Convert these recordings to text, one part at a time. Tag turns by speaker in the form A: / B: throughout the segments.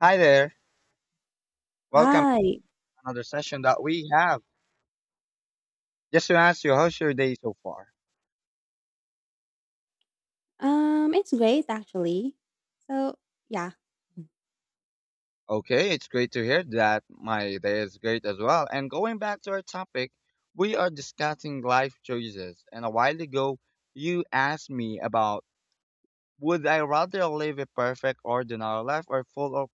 A: Hi there. Welcome to
B: Hi.
A: another session that we have. Just to ask you, how's your day so far?
B: It's great actually. So, yeah.
A: Okay, it's great to hear that. My day is great as well. And going back to our topic, we are discussing life choices. And a while ago, you asked me about, would I rather live a perfect, ordinary life or full of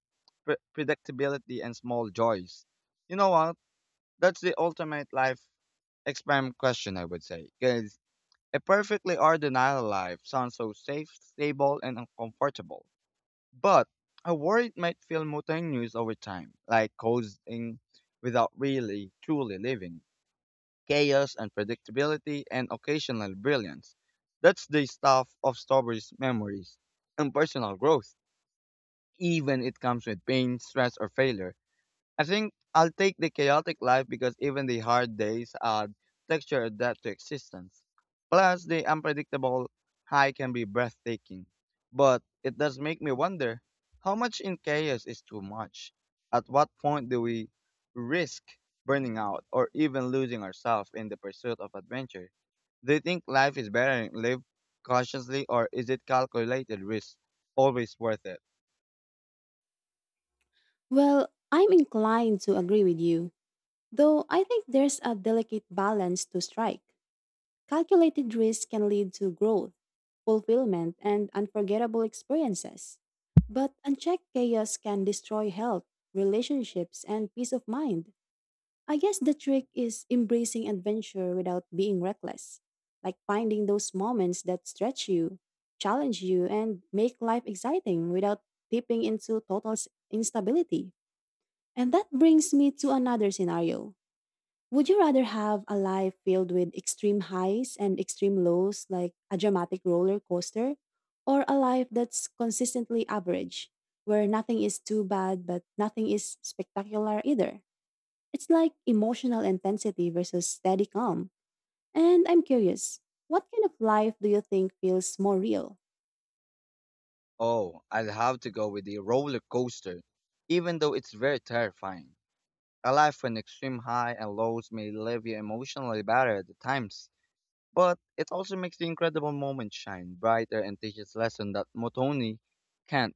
A: predictability and small joys? You know what? That's the ultimate life experiment question, I would say. 'Cause a perfectly ordinary life sounds so safe, stable, and uncomfortable. But I worry it might feel monotonous over time, like coasting without really, truly living. Chaos, unpredictability, and occasional brilliance. That's the stuff of stories, memories, and personal growth, even it comes with pain, stress, or failure. I think I'll take the chaotic life because even the hard days add texture and depth to existence. Plus, the unpredictable high can be breathtaking. But it does make me wonder, how much in chaos is too much? At what point do we risk burning out or even losing ourselves in the pursuit of adventure? Do you think life is better lived cautiously, or is it calculated risk always worth it?
B: Well, I'm inclined to agree with you, though I think there's a delicate balance to strike. Calculated risk can lead to growth, fulfillment, and unforgettable experiences. But unchecked chaos can destroy health, relationships, and peace of mind. I guess the trick is embracing adventure without being reckless, like finding those moments that stretch you, challenge you, and make life exciting without tipping into total instability. And that brings me to another scenario. Would you rather have a life filled with extreme highs and extreme lows, like a dramatic roller coaster, or a life that's consistently average, where nothing is too bad but nothing is spectacular either? It's like emotional intensity versus steady calm. And I'm curious, what kind of life do you think feels more real?
A: Oh, I'll have to go with the roller coaster, even though it's very terrifying. A life with extreme high and lows may leave you emotionally battered at times, but it also makes the incredible moments shine brighter and teaches lesson that Motoni can't.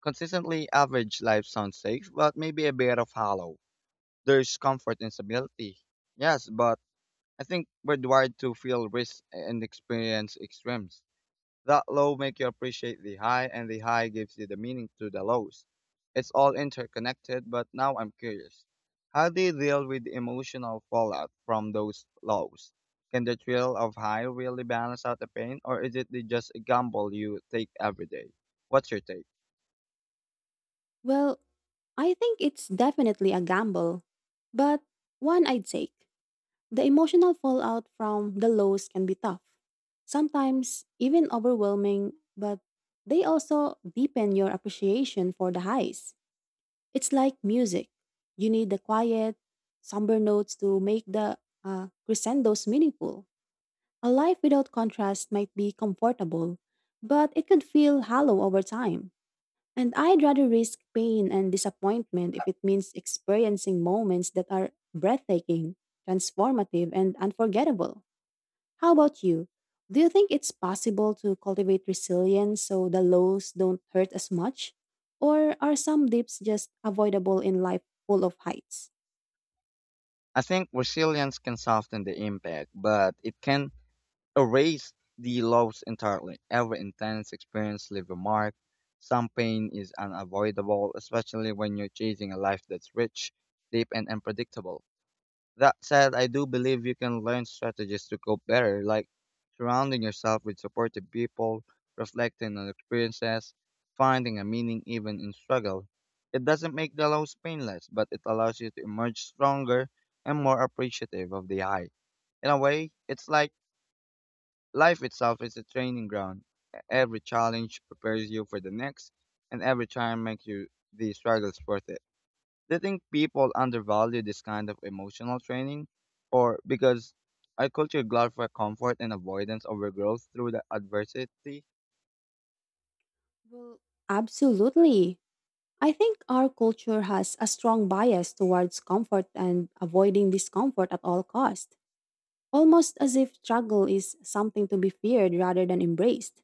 A: Consistently average life sounds safe, but maybe a bit of hollow. There's comfort in stability. Yes, but I think we're wired to feel risk and experience extremes. That low make you appreciate the high, and the high gives you the meaning to the lows. It's all interconnected, but now I'm curious. How do you deal with the emotional fallout from those lows? Can the thrill of high really balance out the pain, or is it just a gamble you take every day? What's your take?
B: Well, I think it's definitely a gamble, but one I'd take. The emotional fallout from the lows can be tough, sometimes even overwhelming, but they also deepen your appreciation for the highs. It's like music. You need the quiet, somber notes to make the crescendos meaningful. A life without contrast might be comfortable, but it could feel hollow over time. And I'd rather risk pain and disappointment if it means experiencing moments that are breathtaking, transformative, and unforgettable. How about you? Do you think it's possible to cultivate resilience so the lows don't hurt as much? Or are some dips just avoidable in life full of heights?
A: I think resilience can soften the impact, but it can erase the loss entirely. Every intense experience leaves a mark. Some pain is unavoidable, especially when you're chasing a life that's rich, deep, and unpredictable. That said, I do believe you can learn strategies to cope better, like surrounding yourself with supportive people, reflecting on experiences, finding a meaning even in struggle. It doesn't make the lows painless, but it allows you to emerge stronger and more appreciative of the high. In a way, it's like life itself is a training ground. Every challenge prepares you for the next, and every time makes you the struggles worth it. Do you think people undervalue this kind of emotional training? Or because our culture glorifies comfort and avoidance over growth through the adversity?
B: Well, absolutely. I think our culture has a strong bias towards comfort and avoiding discomfort at all cost, almost as if struggle is something to be feared rather than embraced.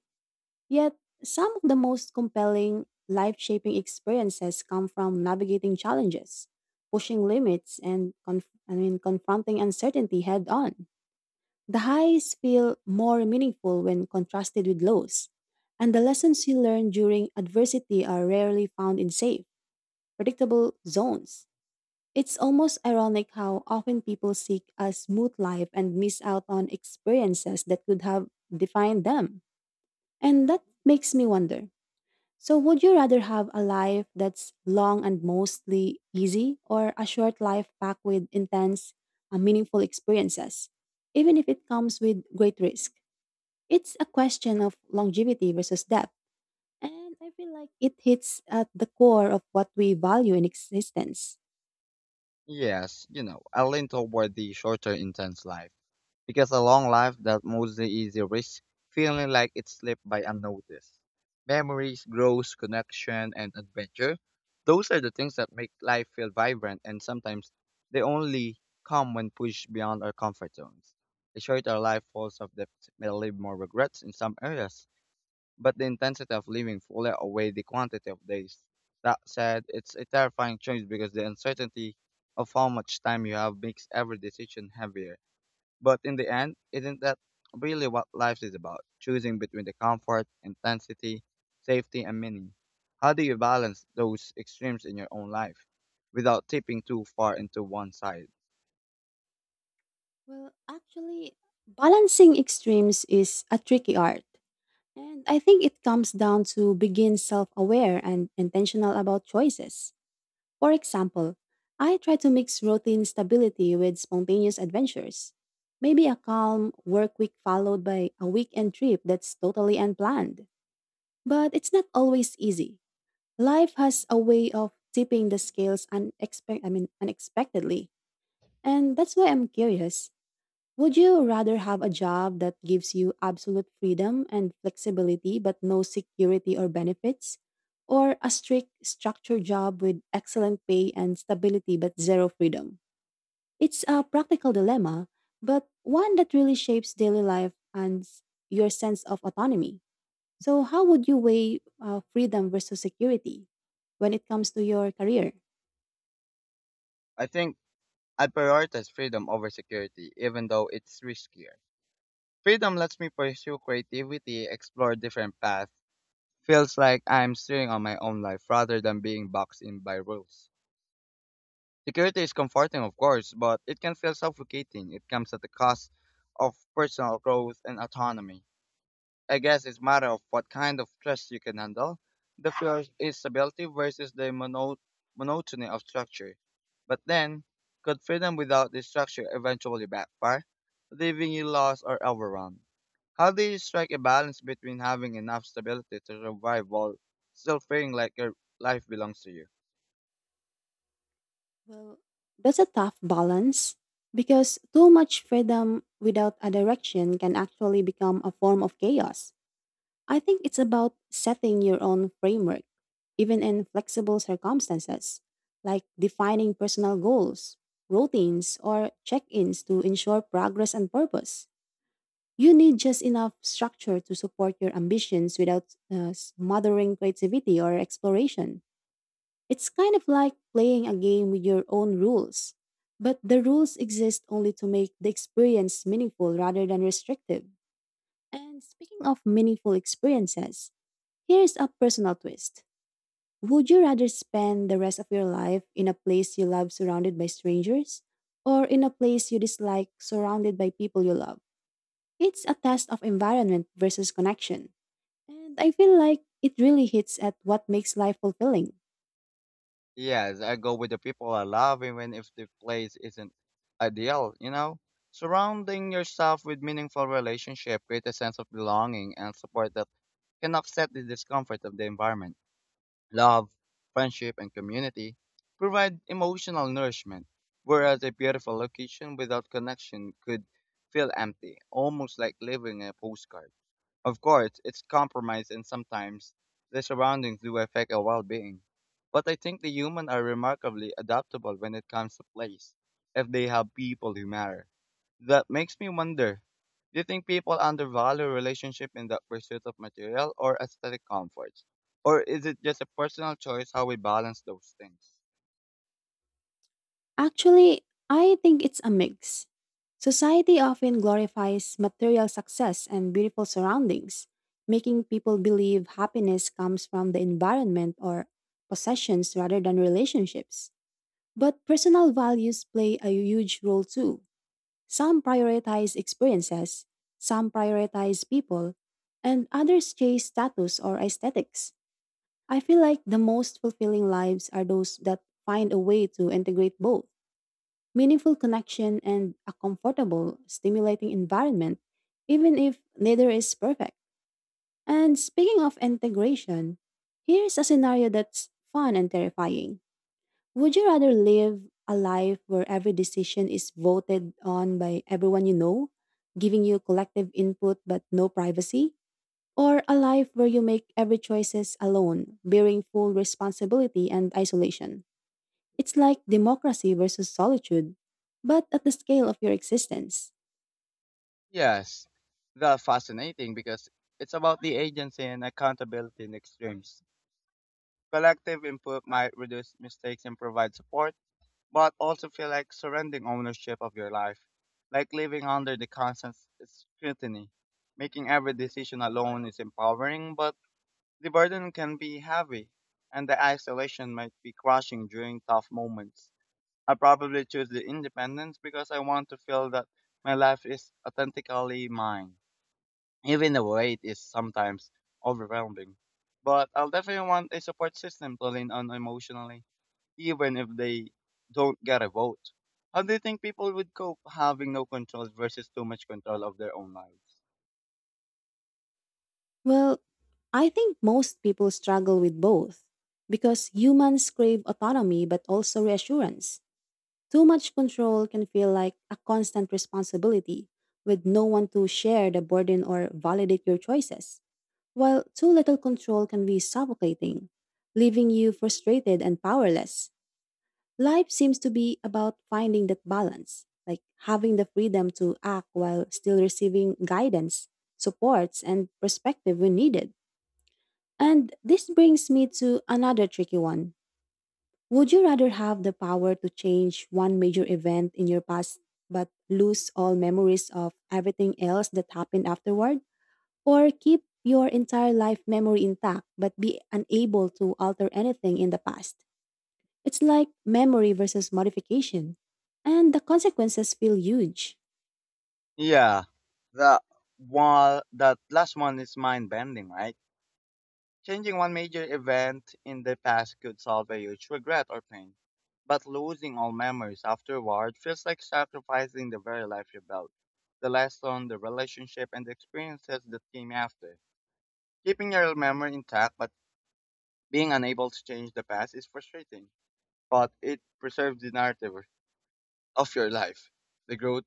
B: Yet, some of the most compelling life-shaping experiences come from navigating challenges, pushing limits, and confronting uncertainty head-on. The highs feel more meaningful when contrasted with lows, and the lessons you learn during adversity are rarely found in safe predictable zones. It's almost ironic how often people seek a smooth life and miss out on experiences that could have defined them. And that makes me wonder so, would you rather have a life that's long and mostly easy, or a short life packed with intense, meaningful experiences, even if it comes with great risk? It's a question of longevity versus depth, and I feel like it hits at the core of what we value in existence.
A: Yes, you know, I lean toward the shorter, intense life. Because a long life that mostly is a risk, feeling like it slipped by unnoticed. Memories, growth, connection, and adventure. Those are the things that make life feel vibrant, and sometimes they only come when pushed beyond our comfort zones. A shorter life falls of depth may leave more regrets in some areas, but the intensity of living fully outweigh the quantity of days. That said, it's a terrifying change because the uncertainty of how much time you have makes every decision heavier. But in the end, isn't that really what life is about? Choosing between the comfort, intensity, safety, and meaning. How do you balance those extremes in your own life without tipping too far into one side?
B: Well, actually, balancing extremes is a tricky art. And I think it comes down to being self aware and intentional about choices. For example, I try to mix routine stability with spontaneous adventures. Maybe a calm work week followed by a weekend trip that's totally unplanned. But it's not always easy. Life has a way of tipping the scales unexpectedly. And that's why I'm curious. Would you rather have a job that gives you absolute freedom and flexibility but no security or benefits? Or a strict, structured job with excellent pay and stability but zero freedom? It's a practical dilemma, but one that really shapes daily life and your sense of autonomy. So, how would you weigh freedom versus security when it comes to your career?
A: I think I prioritize freedom over security, even though it's riskier. Freedom lets me pursue creativity, explore different paths. Feels like I'm steering on my own life rather than being boxed in by rules. Security is comforting, of course, but it can feel suffocating. It comes at the cost of personal growth and autonomy. I guess it's matter of what kind of stress you can handle. The fear is stability versus the monotony of structure. But then, could freedom without this structure eventually backfire, leaving you lost or overwhelmed? How do you strike a balance between having enough stability to survive while still feeling like your life belongs to you?
B: Well, that's a tough balance because too much freedom without a direction can actually become a form of chaos. I think it's about setting your own framework, even in flexible circumstances, like defining personal goals, routines, or check ins to ensure progress and purpose. You need just enough structure to support your ambitions without smothering creativity or exploration. It's kind of like playing a game with your own rules, but the rules exist only to make the experience meaningful rather than restrictive. And speaking of meaningful experiences, here's a personal twist. Would you rather spend the rest of your life in a place you love surrounded by strangers or in a place you dislike surrounded by people you love? It's a test of environment versus connection. And I feel like it really hits at what makes life fulfilling.
A: Yes, I go with the people I love even if the place isn't ideal, you know? Surrounding yourself with meaningful relationship create a sense of belonging and support that can offset the discomfort of the environment. Love, friendship, and community provide emotional nourishment, whereas a beautiful location without connection could feel empty, almost like living a postcard. Of course, it's compromised, and sometimes the surroundings do affect our well-being. But I think the human are remarkably adaptable when it comes to place, if they have people who matter. That makes me wonder, do you think people undervalue relationship in the pursuit of material or aesthetic comforts? Or is it just a personal choice how we balance those things?
B: Actually, I think it's a mix. Society often glorifies material success and beautiful surroundings, making people believe happiness comes from the environment or possessions rather than relationships. But personal values play a huge role too. Some prioritize experiences, some prioritize people, and others chase status or aesthetics. I feel like the most fulfilling lives are those that find a way to integrate both meaningful connection, and a comfortable, stimulating environment, even if neither is perfect. And speaking of integration, here's a scenario that's fun and terrifying. Would you rather live a life where every decision is voted on by everyone you know, giving you collective input but no privacy? Or a life where you make every choices alone, bearing full responsibility and isolation? It's like democracy versus solitude, but at the scale of your existence.
A: Yes, that's fascinating because it's about the agency and accountability in extremes. Collective input might reduce mistakes and provide support, but also feel like surrendering ownership of your life, like living under the constant scrutiny. Making every decision alone is empowering, but the burden can be heavy, and the isolation might be crushing during tough moments. I probably choose the independence because I want to feel that my life is authentically mine even the weight is sometimes overwhelming. But I'll definitely want a support system to lean on emotionally, even if they don't get a vote. How do you think people would cope having no control versus too much control of their own lives?
B: Well, I think most people struggle with both because humans crave autonomy but also reassurance. Too much control can feel like a constant responsibility with no one to share the burden or validate your choices, while too little control can be suffocating, leaving you frustrated and powerless. Life seems to be about finding that balance, like having the freedom to act while still receiving guidance, supports, and perspective when needed. And this brings me to another tricky one. Would you rather have the power to change one major event in your past but lose all memories of everything else that happened afterward? Or keep your entire life memory intact but be unable to alter anything in the past? It's like memory versus modification, and the consequences feel huge.
A: Yeah, the while that last one is mind bending, right? Changing one major event in the past could solve a huge regret or pain, but losing all memories afterward feels like sacrificing the very life you built, the lesson, the relationship, and the experiences that came after. Keeping your memory intact but being unable to change the past is frustrating, but it preserves the narrative of your life, the growth,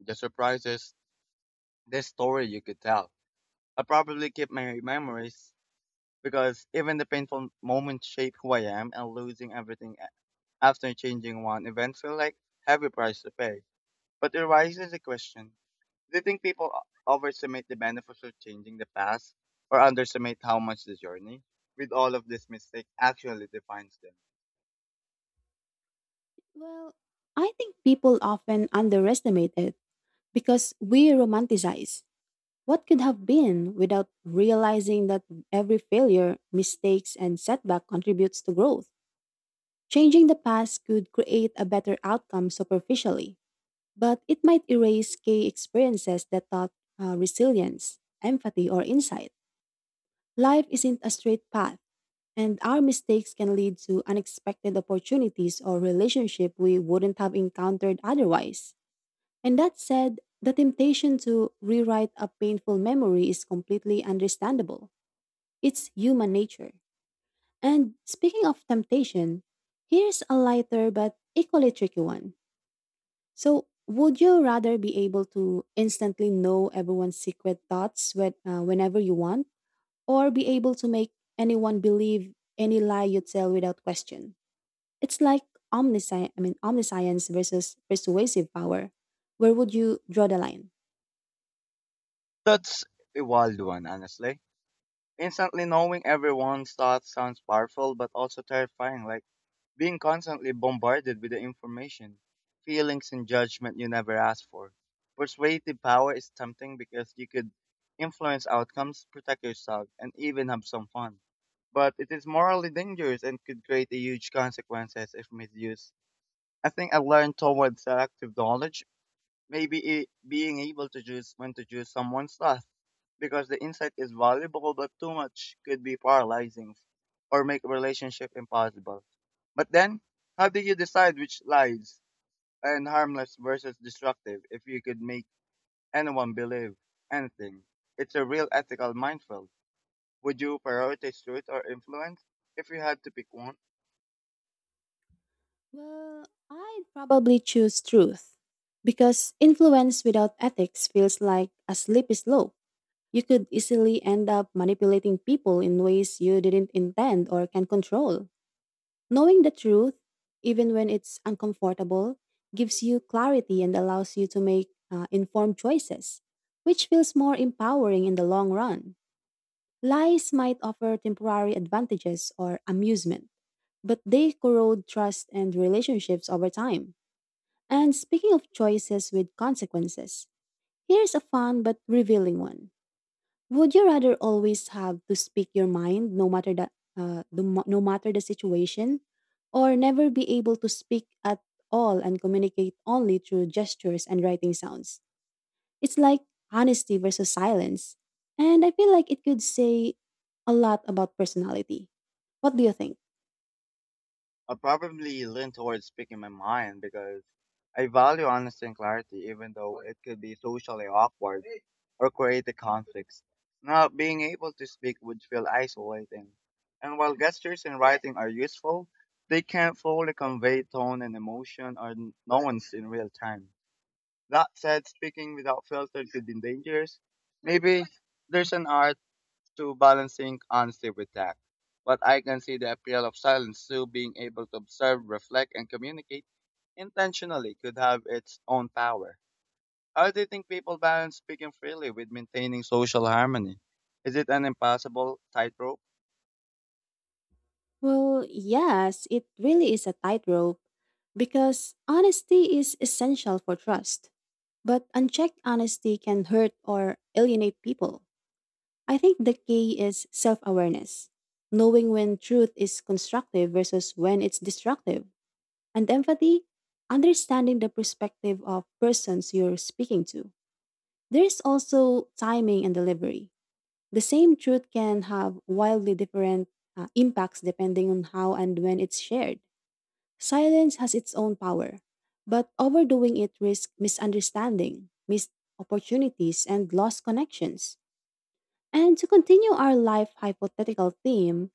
A: the surprises, the story you could tell. I probably keep my memories because even the painful moments shape who I am, and losing everything after changing one, events feel like heavy price to pay. But it raises the question, do you think people overestimate the benefits of changing the past or underestimate how much the journey with all of this mistake actually defines them?
B: Well, I think people often underestimate it because we romanticize what could have been without realizing that every failure, mistakes, and setback contributes to growth. Changing the past could create a better outcome superficially, but it might erase key experiences that taught resilience, empathy, or insight. Life isn't a straight path and our mistakes can lead to unexpected opportunities or relationship we wouldn't have encountered otherwise. And that said, the temptation to rewrite a painful memory is completely understandable. It's human nature. And speaking of temptation, here's a lighter but equally tricky one. So, would you rather be able to instantly know everyone's secret thoughts whenever you want, or be able to make anyone believe any lie you tell without question? It's like omniscience versus persuasive power. Where would you draw the line?
A: That's a wild one, honestly. Instantly knowing everyone's thoughts sounds powerful but also terrifying, like being constantly bombarded with the information, feelings, and judgment you never asked for. Persuasive power is tempting because you could influence outcomes, protect yourself, and even have some fun. But it is morally dangerous and could create a huge consequences if misused. I think I learned towards selective knowledge, maybe it, being able to choose when to choose someone's stuff, because the insight is valuable but too much could be paralyzing or make a relationship impossible. But then, how do you decide which lies and harmless versus destructive if you could make anyone believe anything? It's a real ethical minefield. Would you prioritize truth or influence if you had to pick one?
B: Well, I'd probably choose truth because influence without ethics feels like a slippery slope. You could easily end up manipulating people in ways you didn't intend or can control. Knowing the truth, even when it's uncomfortable, gives you clarity and allows you to make informed choices, which feels more empowering in the long run. Lies might offer temporary advantages or amusement, but they corrode trust and relationships over time. And speaking of choices with consequences, here's a fun but revealing one. Would you rather always have to speak your mind no matter no matter the situation or never be able to speak at all and communicate only through gestures and writing sounds? It's like honesty versus silence. And I feel like it could say a lot about personality. What do you think?
A: I'll probably lean towards speaking my mind because I value honesty and clarity, even though it could be socially awkward or create a conflict. Not being able to speak would feel isolating. And while gestures and writing are useful, they can't fully convey tone and emotion or nuance in real time. That said, speaking without filter could be dangerous. Maybe there's an art to balancing honesty with tact. But I can see the appeal of silence too, being able to observe, reflect, and communicate intentionally could have its own power. How do you think people balance speaking freely with maintaining social harmony? Is it an impossible tightrope?
B: Well, yes, it really is a tightrope because honesty is essential for trust. But unchecked honesty can hurt or alienate people. I think the key is self awareness, knowing when truth is constructive versus when it's destructive, and empathy, understanding the perspective of persons you're speaking to. There's also timing and delivery. The same truth can have wildly different impacts depending on how and when it's shared. Silence has its own power, but overdoing it risks misunderstanding, missed opportunities, and lost connections. And to continue our life hypothetical theme,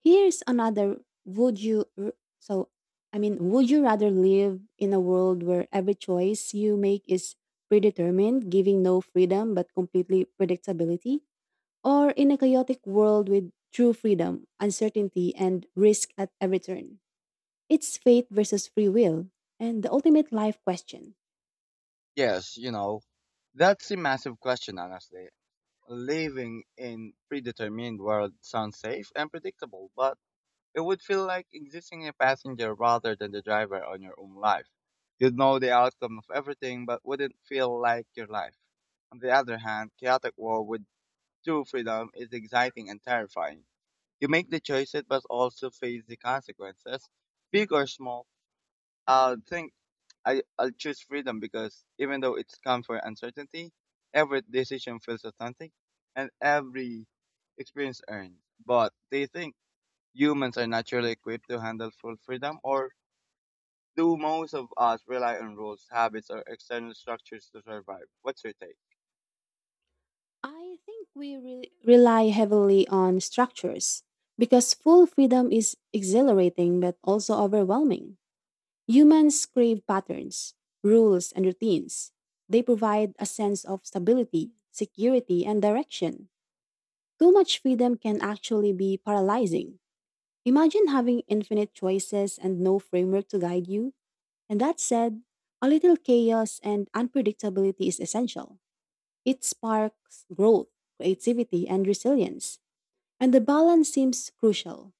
B: here's another would you r- so I mean, would you rather live in a world where every choice you make is predetermined, giving no freedom but completely predictability, or in a chaotic world with true freedom, uncertainty and risk at every turn? It's fate versus free will and the ultimate life question.
A: Yes, you know, that's a massive question, honestly. Living in predetermined world sounds safe and predictable, but it would feel like existing a passenger rather than the driver on your own life. You'd know the outcome of everything, but wouldn't feel like your life. On the other hand, chaotic war with true freedom is exciting and terrifying. You make the choices, but also face the consequences, big or small. I'll think I'll choose freedom because even though it's come for uncertainty, every decision feels authentic and every experience earned. But do you think humans are naturally equipped to handle full freedom, or do most of us rely on rules, habits, or external structures to survive? What's your take?
B: I think rely heavily on structures because full freedom is exhilarating but also overwhelming. Humans crave patterns, rules, and routines. They provide a sense of stability, security, and direction. Too much freedom can actually be paralyzing. Imagine having infinite choices and no framework to guide you. And that said, a little chaos and unpredictability is essential. It sparks growth, creativity, and resilience, and the balance seems crucial.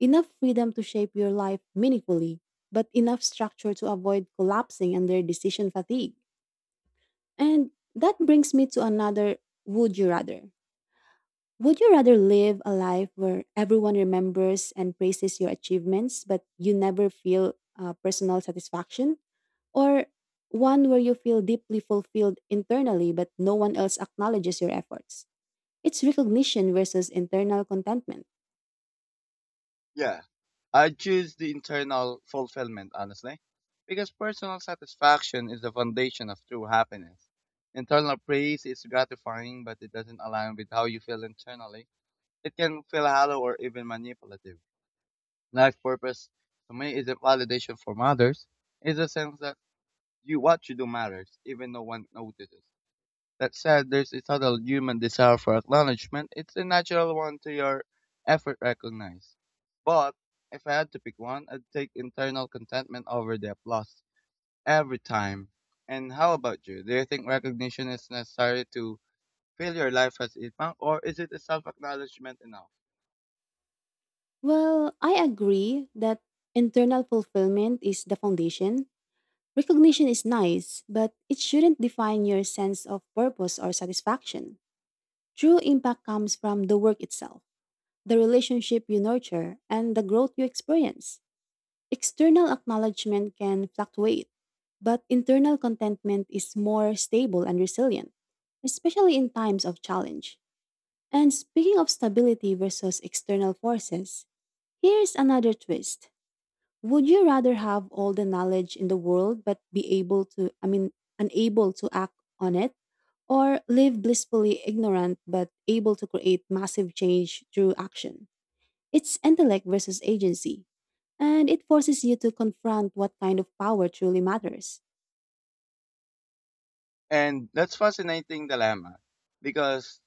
B: Enough freedom to shape your life meaningfully, but enough structure to avoid collapsing under decision fatigue. And that brings me to another would you rather. Would you rather live a life where everyone remembers and praises your achievements, but you never feel personal satisfaction? Or one where you feel deeply fulfilled internally, but no one else acknowledges your efforts? It's recognition versus internal contentment.
A: Yeah, I choose the internal fulfillment, honestly, because personal satisfaction is the foundation of true happiness. Internal praise is gratifying, but it doesn't align with how you feel internally. It can feel hollow or even manipulative. Life purpose, to me, is a validation from others. It's a sense that you what you do matters, even no one notices. That said, there's a subtle human desire for acknowledgement. It's a natural one to your effort recognized. But if I had to pick one, I'd take internal contentment over the applause every time. And how about you? Do you think recognition is necessary to feel your life has impact, or is it a self acknowledgement enough?
B: Well, I agree that internal fulfillment is the foundation. Recognition is nice, but it shouldn't define your sense of purpose or satisfaction. True impact comes from the work itself, the relationship you nurture, and the growth you experience. External acknowledgement can fluctuate, but internal contentment is more stable and resilient, especially in times of challenge. And speaking of stability versus external forces, here's another twist. Would you rather have all the knowledge in the world but be able to, I mean, unable to act on it? Or live blissfully ignorant but able to create massive change through action? It's intellect versus agency, and it forces you to confront what kind of power truly matters.
A: And that's fascinating dilemma because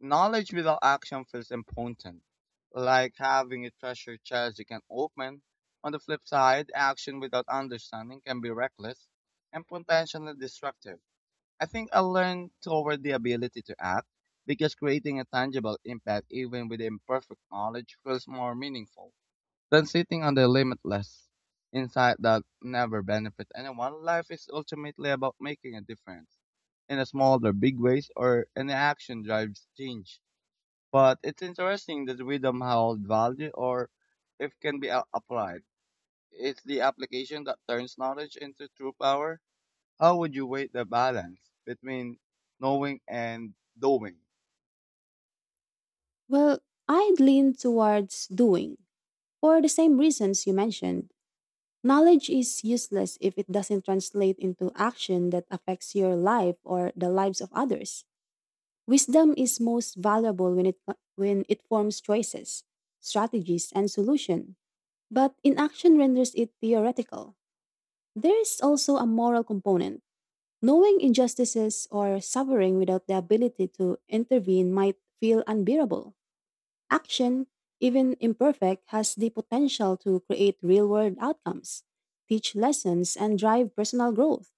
A: knowledge without action feels impotent, like having a treasure chest you can open. On the flip side, action without understanding can be reckless and potentially destructive. I think I learned toward the ability to act because creating a tangible impact, even with imperfect knowledge, feels more meaningful than sitting on the limitless insight that never benefits anyone. Life is ultimately about making a difference in a small or big ways, or an action drives change, but it's interesting that rhythm hold value or if can be applied. It's the application that turns knowledge into true power. How would you weigh the balance between knowing and doing?
B: Well, I'd lean towards doing, for the same reasons you mentioned. Knowledge is useless if it doesn't translate into action that affects your life or the lives of others. Wisdom is most valuable when it forms choices, strategies, and solution, but inaction renders it theoretical. There is also a moral component. Knowing injustices or suffering without the ability to intervene might feel unbearable. Action, even imperfect, has the potential to create real world outcomes, teach lessons, and drive personal growth.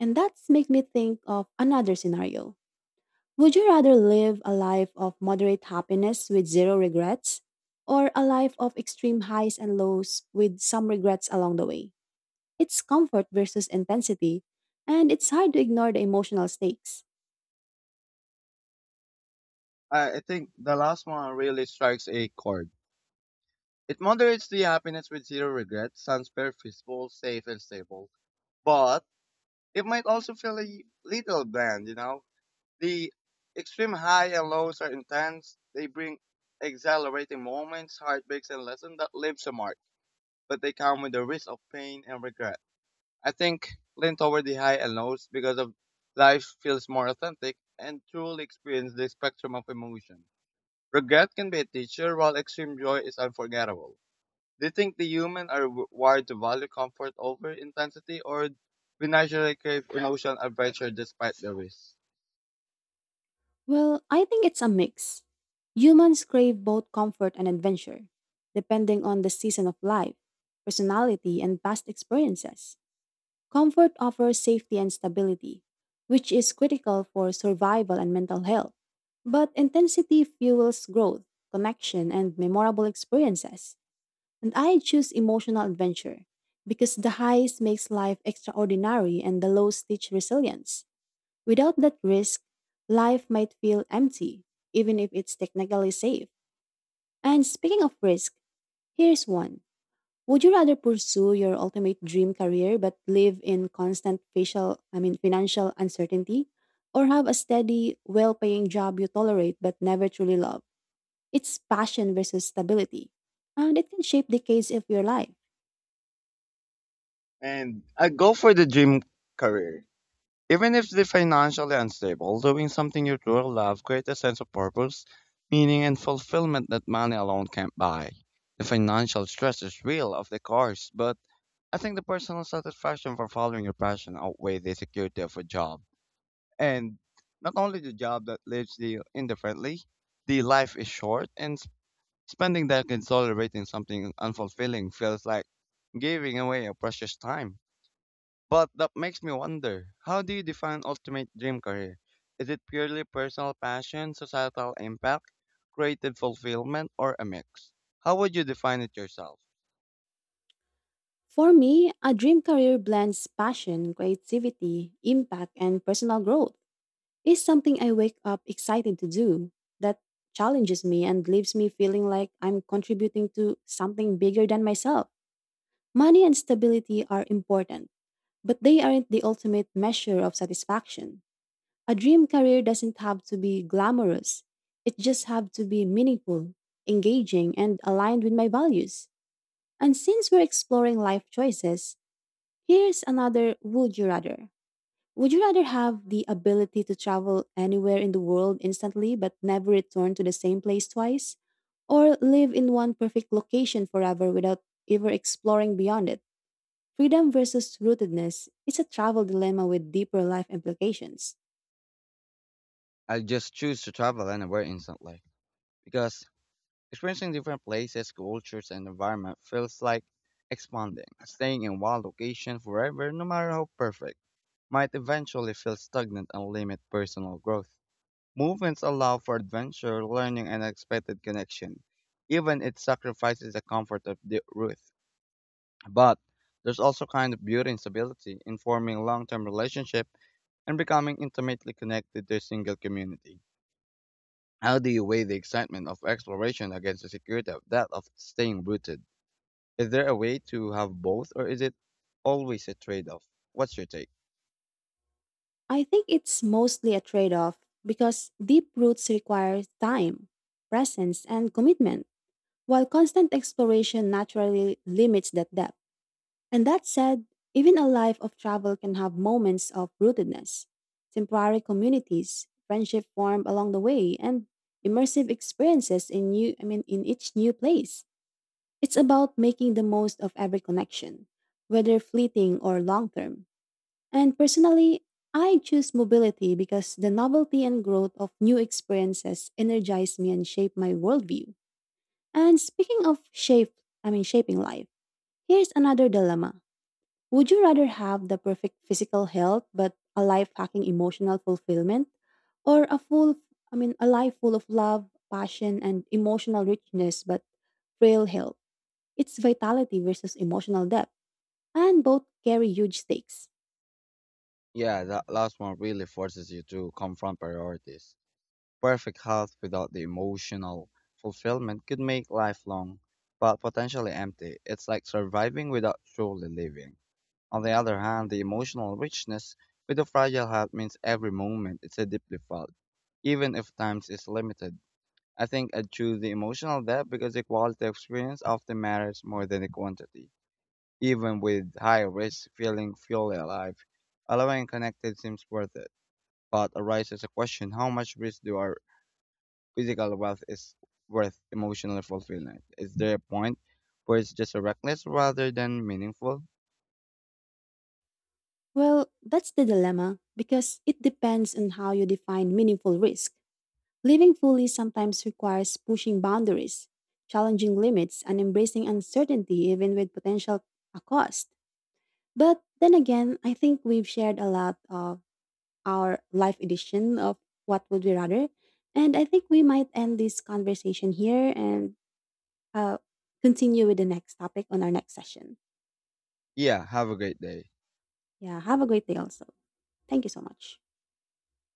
B: And that makes me think of another scenario. Would you rather live a life of moderate happiness with zero regrets, or a life of extreme highs and lows with some regrets along the way? It's comfort versus intensity, and it's hard to ignore the emotional stakes.
A: I think the last one really strikes a chord. It moderates the happiness with zero regret, sounds very feasible, safe, and stable. But it might also feel a little bland, The extreme high and lows are intense. They bring exhilarating moments, heartbreaks, and lessons that leaves a mark. But they come with the risk of pain and regret. I think lean toward the high and lows because of life feels more authentic and truly experience the spectrum of emotion. Regret can be a teacher, while extreme joy is unforgettable. Do you think the human are wired to value comfort over intensity, or we naturally crave emotional adventure despite the risk?
B: Well, I think it's a mix. Humans crave both comfort and adventure, depending on the season of life, personality, and past experiences. Comfort offers safety and stability, which is critical for survival and mental health. But intensity fuels growth, connection, and memorable experiences. And I choose emotional adventure because the highs makes life extraordinary and the lows teach resilience. Without that risk, life might feel empty, even if it's technically safe. And speaking of risk, here's one. Would you rather pursue your ultimate dream career but live in constant facial, I mean financial uncertainty or have a steady, well-paying job you tolerate but never truly love? It's passion versus stability, and it can shape decades of your life.
A: And I go for the dream career. Even if they're financially unstable, doing something you truly love creates a sense of purpose, meaning, and fulfillment that money alone can't buy. The financial stress is real, of the course, but I think the personal satisfaction for following your passion outweighs the security of a job. And not only the job that leaves you indifferently, the life is short, and spending decades tolerating something unfulfilling feels like giving away your precious time. But that makes me wonder, how do you define ultimate dream career? Is it purely personal passion, societal impact, creative fulfillment, or a mix? How would you define it yourself?
B: For me, a dream career blends passion, creativity, impact, and personal growth is something I wake up excited to do that challenges me and leaves me feeling like I'm contributing to something bigger than myself. Money and stability are important, but they aren't the ultimate measure of satisfaction. A dream career doesn't have to be glamorous. It just have to be meaningful, engaging, and aligned with my values. And since we're exploring life choices, here's another would you rather. Would you rather have the ability to travel anywhere in the world instantly but never return to the same place twice? Or live in one perfect location forever without ever exploring beyond it? Freedom versus rootedness is a travel dilemma with deeper life implications.
A: I just choose to travel anywhere instantly because experiencing different places, cultures, and environment feels like expanding. Staying in one location forever, no matter how perfect, might eventually feel stagnant and limit personal growth. Movements allow for adventure, learning, and unexpected connection. Even it sacrifices the comfort of the Ruth. But there's also kind of beauty in stability, in forming long-term relationship and becoming intimately connected to a single community. How do you weigh the excitement of exploration against the security of that of staying rooted? Is there a way to have both, or is it always a trade-off? What's your take?
B: I think it's mostly a trade off because deep roots require time, presence, and commitment, while constant exploration naturally limits that depth. And that said, even a life of travel can have moments of rootedness. Temporary communities, friendship formed along the way, and immersive experiences in each new place. It's about making the most of every connection, whether fleeting or long term. And personally, I choose mobility because the novelty and growth of new experiences energize me and shape my worldview. And speaking of shape, I mean shaping life, here's another dilemma. Would you rather have the perfect physical health but a life hacking emotional fulfillment or a life full of love, passion and emotional richness but frail health? It's vitality versus emotional depth and both carry huge stakes.
A: Yeah, that last one really forces you to confront priorities. Perfect health without the emotional fulfillment could make life long, but potentially empty. It's like surviving without truly living. On the other hand, the emotional richness with a fragile health means every moment is a deeply felt, even if time is limited. I think I'd choose the emotional depth because the quality of experience often matters more than the quantity. Even with high risk, feeling fully alive, allowing connected seems worth it. But arises a question how much risk do our physical wealth is worth emotional fulfillment? Is there a point where it's just a reckless rather than meaningful?
B: Well, that's the dilemma because it depends on how you define meaningful risk. Living fully sometimes requires pushing boundaries, challenging limits and embracing uncertainty even with potential a cost. But then again, I think we've shared a lot of our live edition of What Would We Rather. And I think we might end this conversation here and uh, continue with the next topic on our next session.
A: Yeah, have a great day.
B: Yeah, have a great day also. Thank you so much.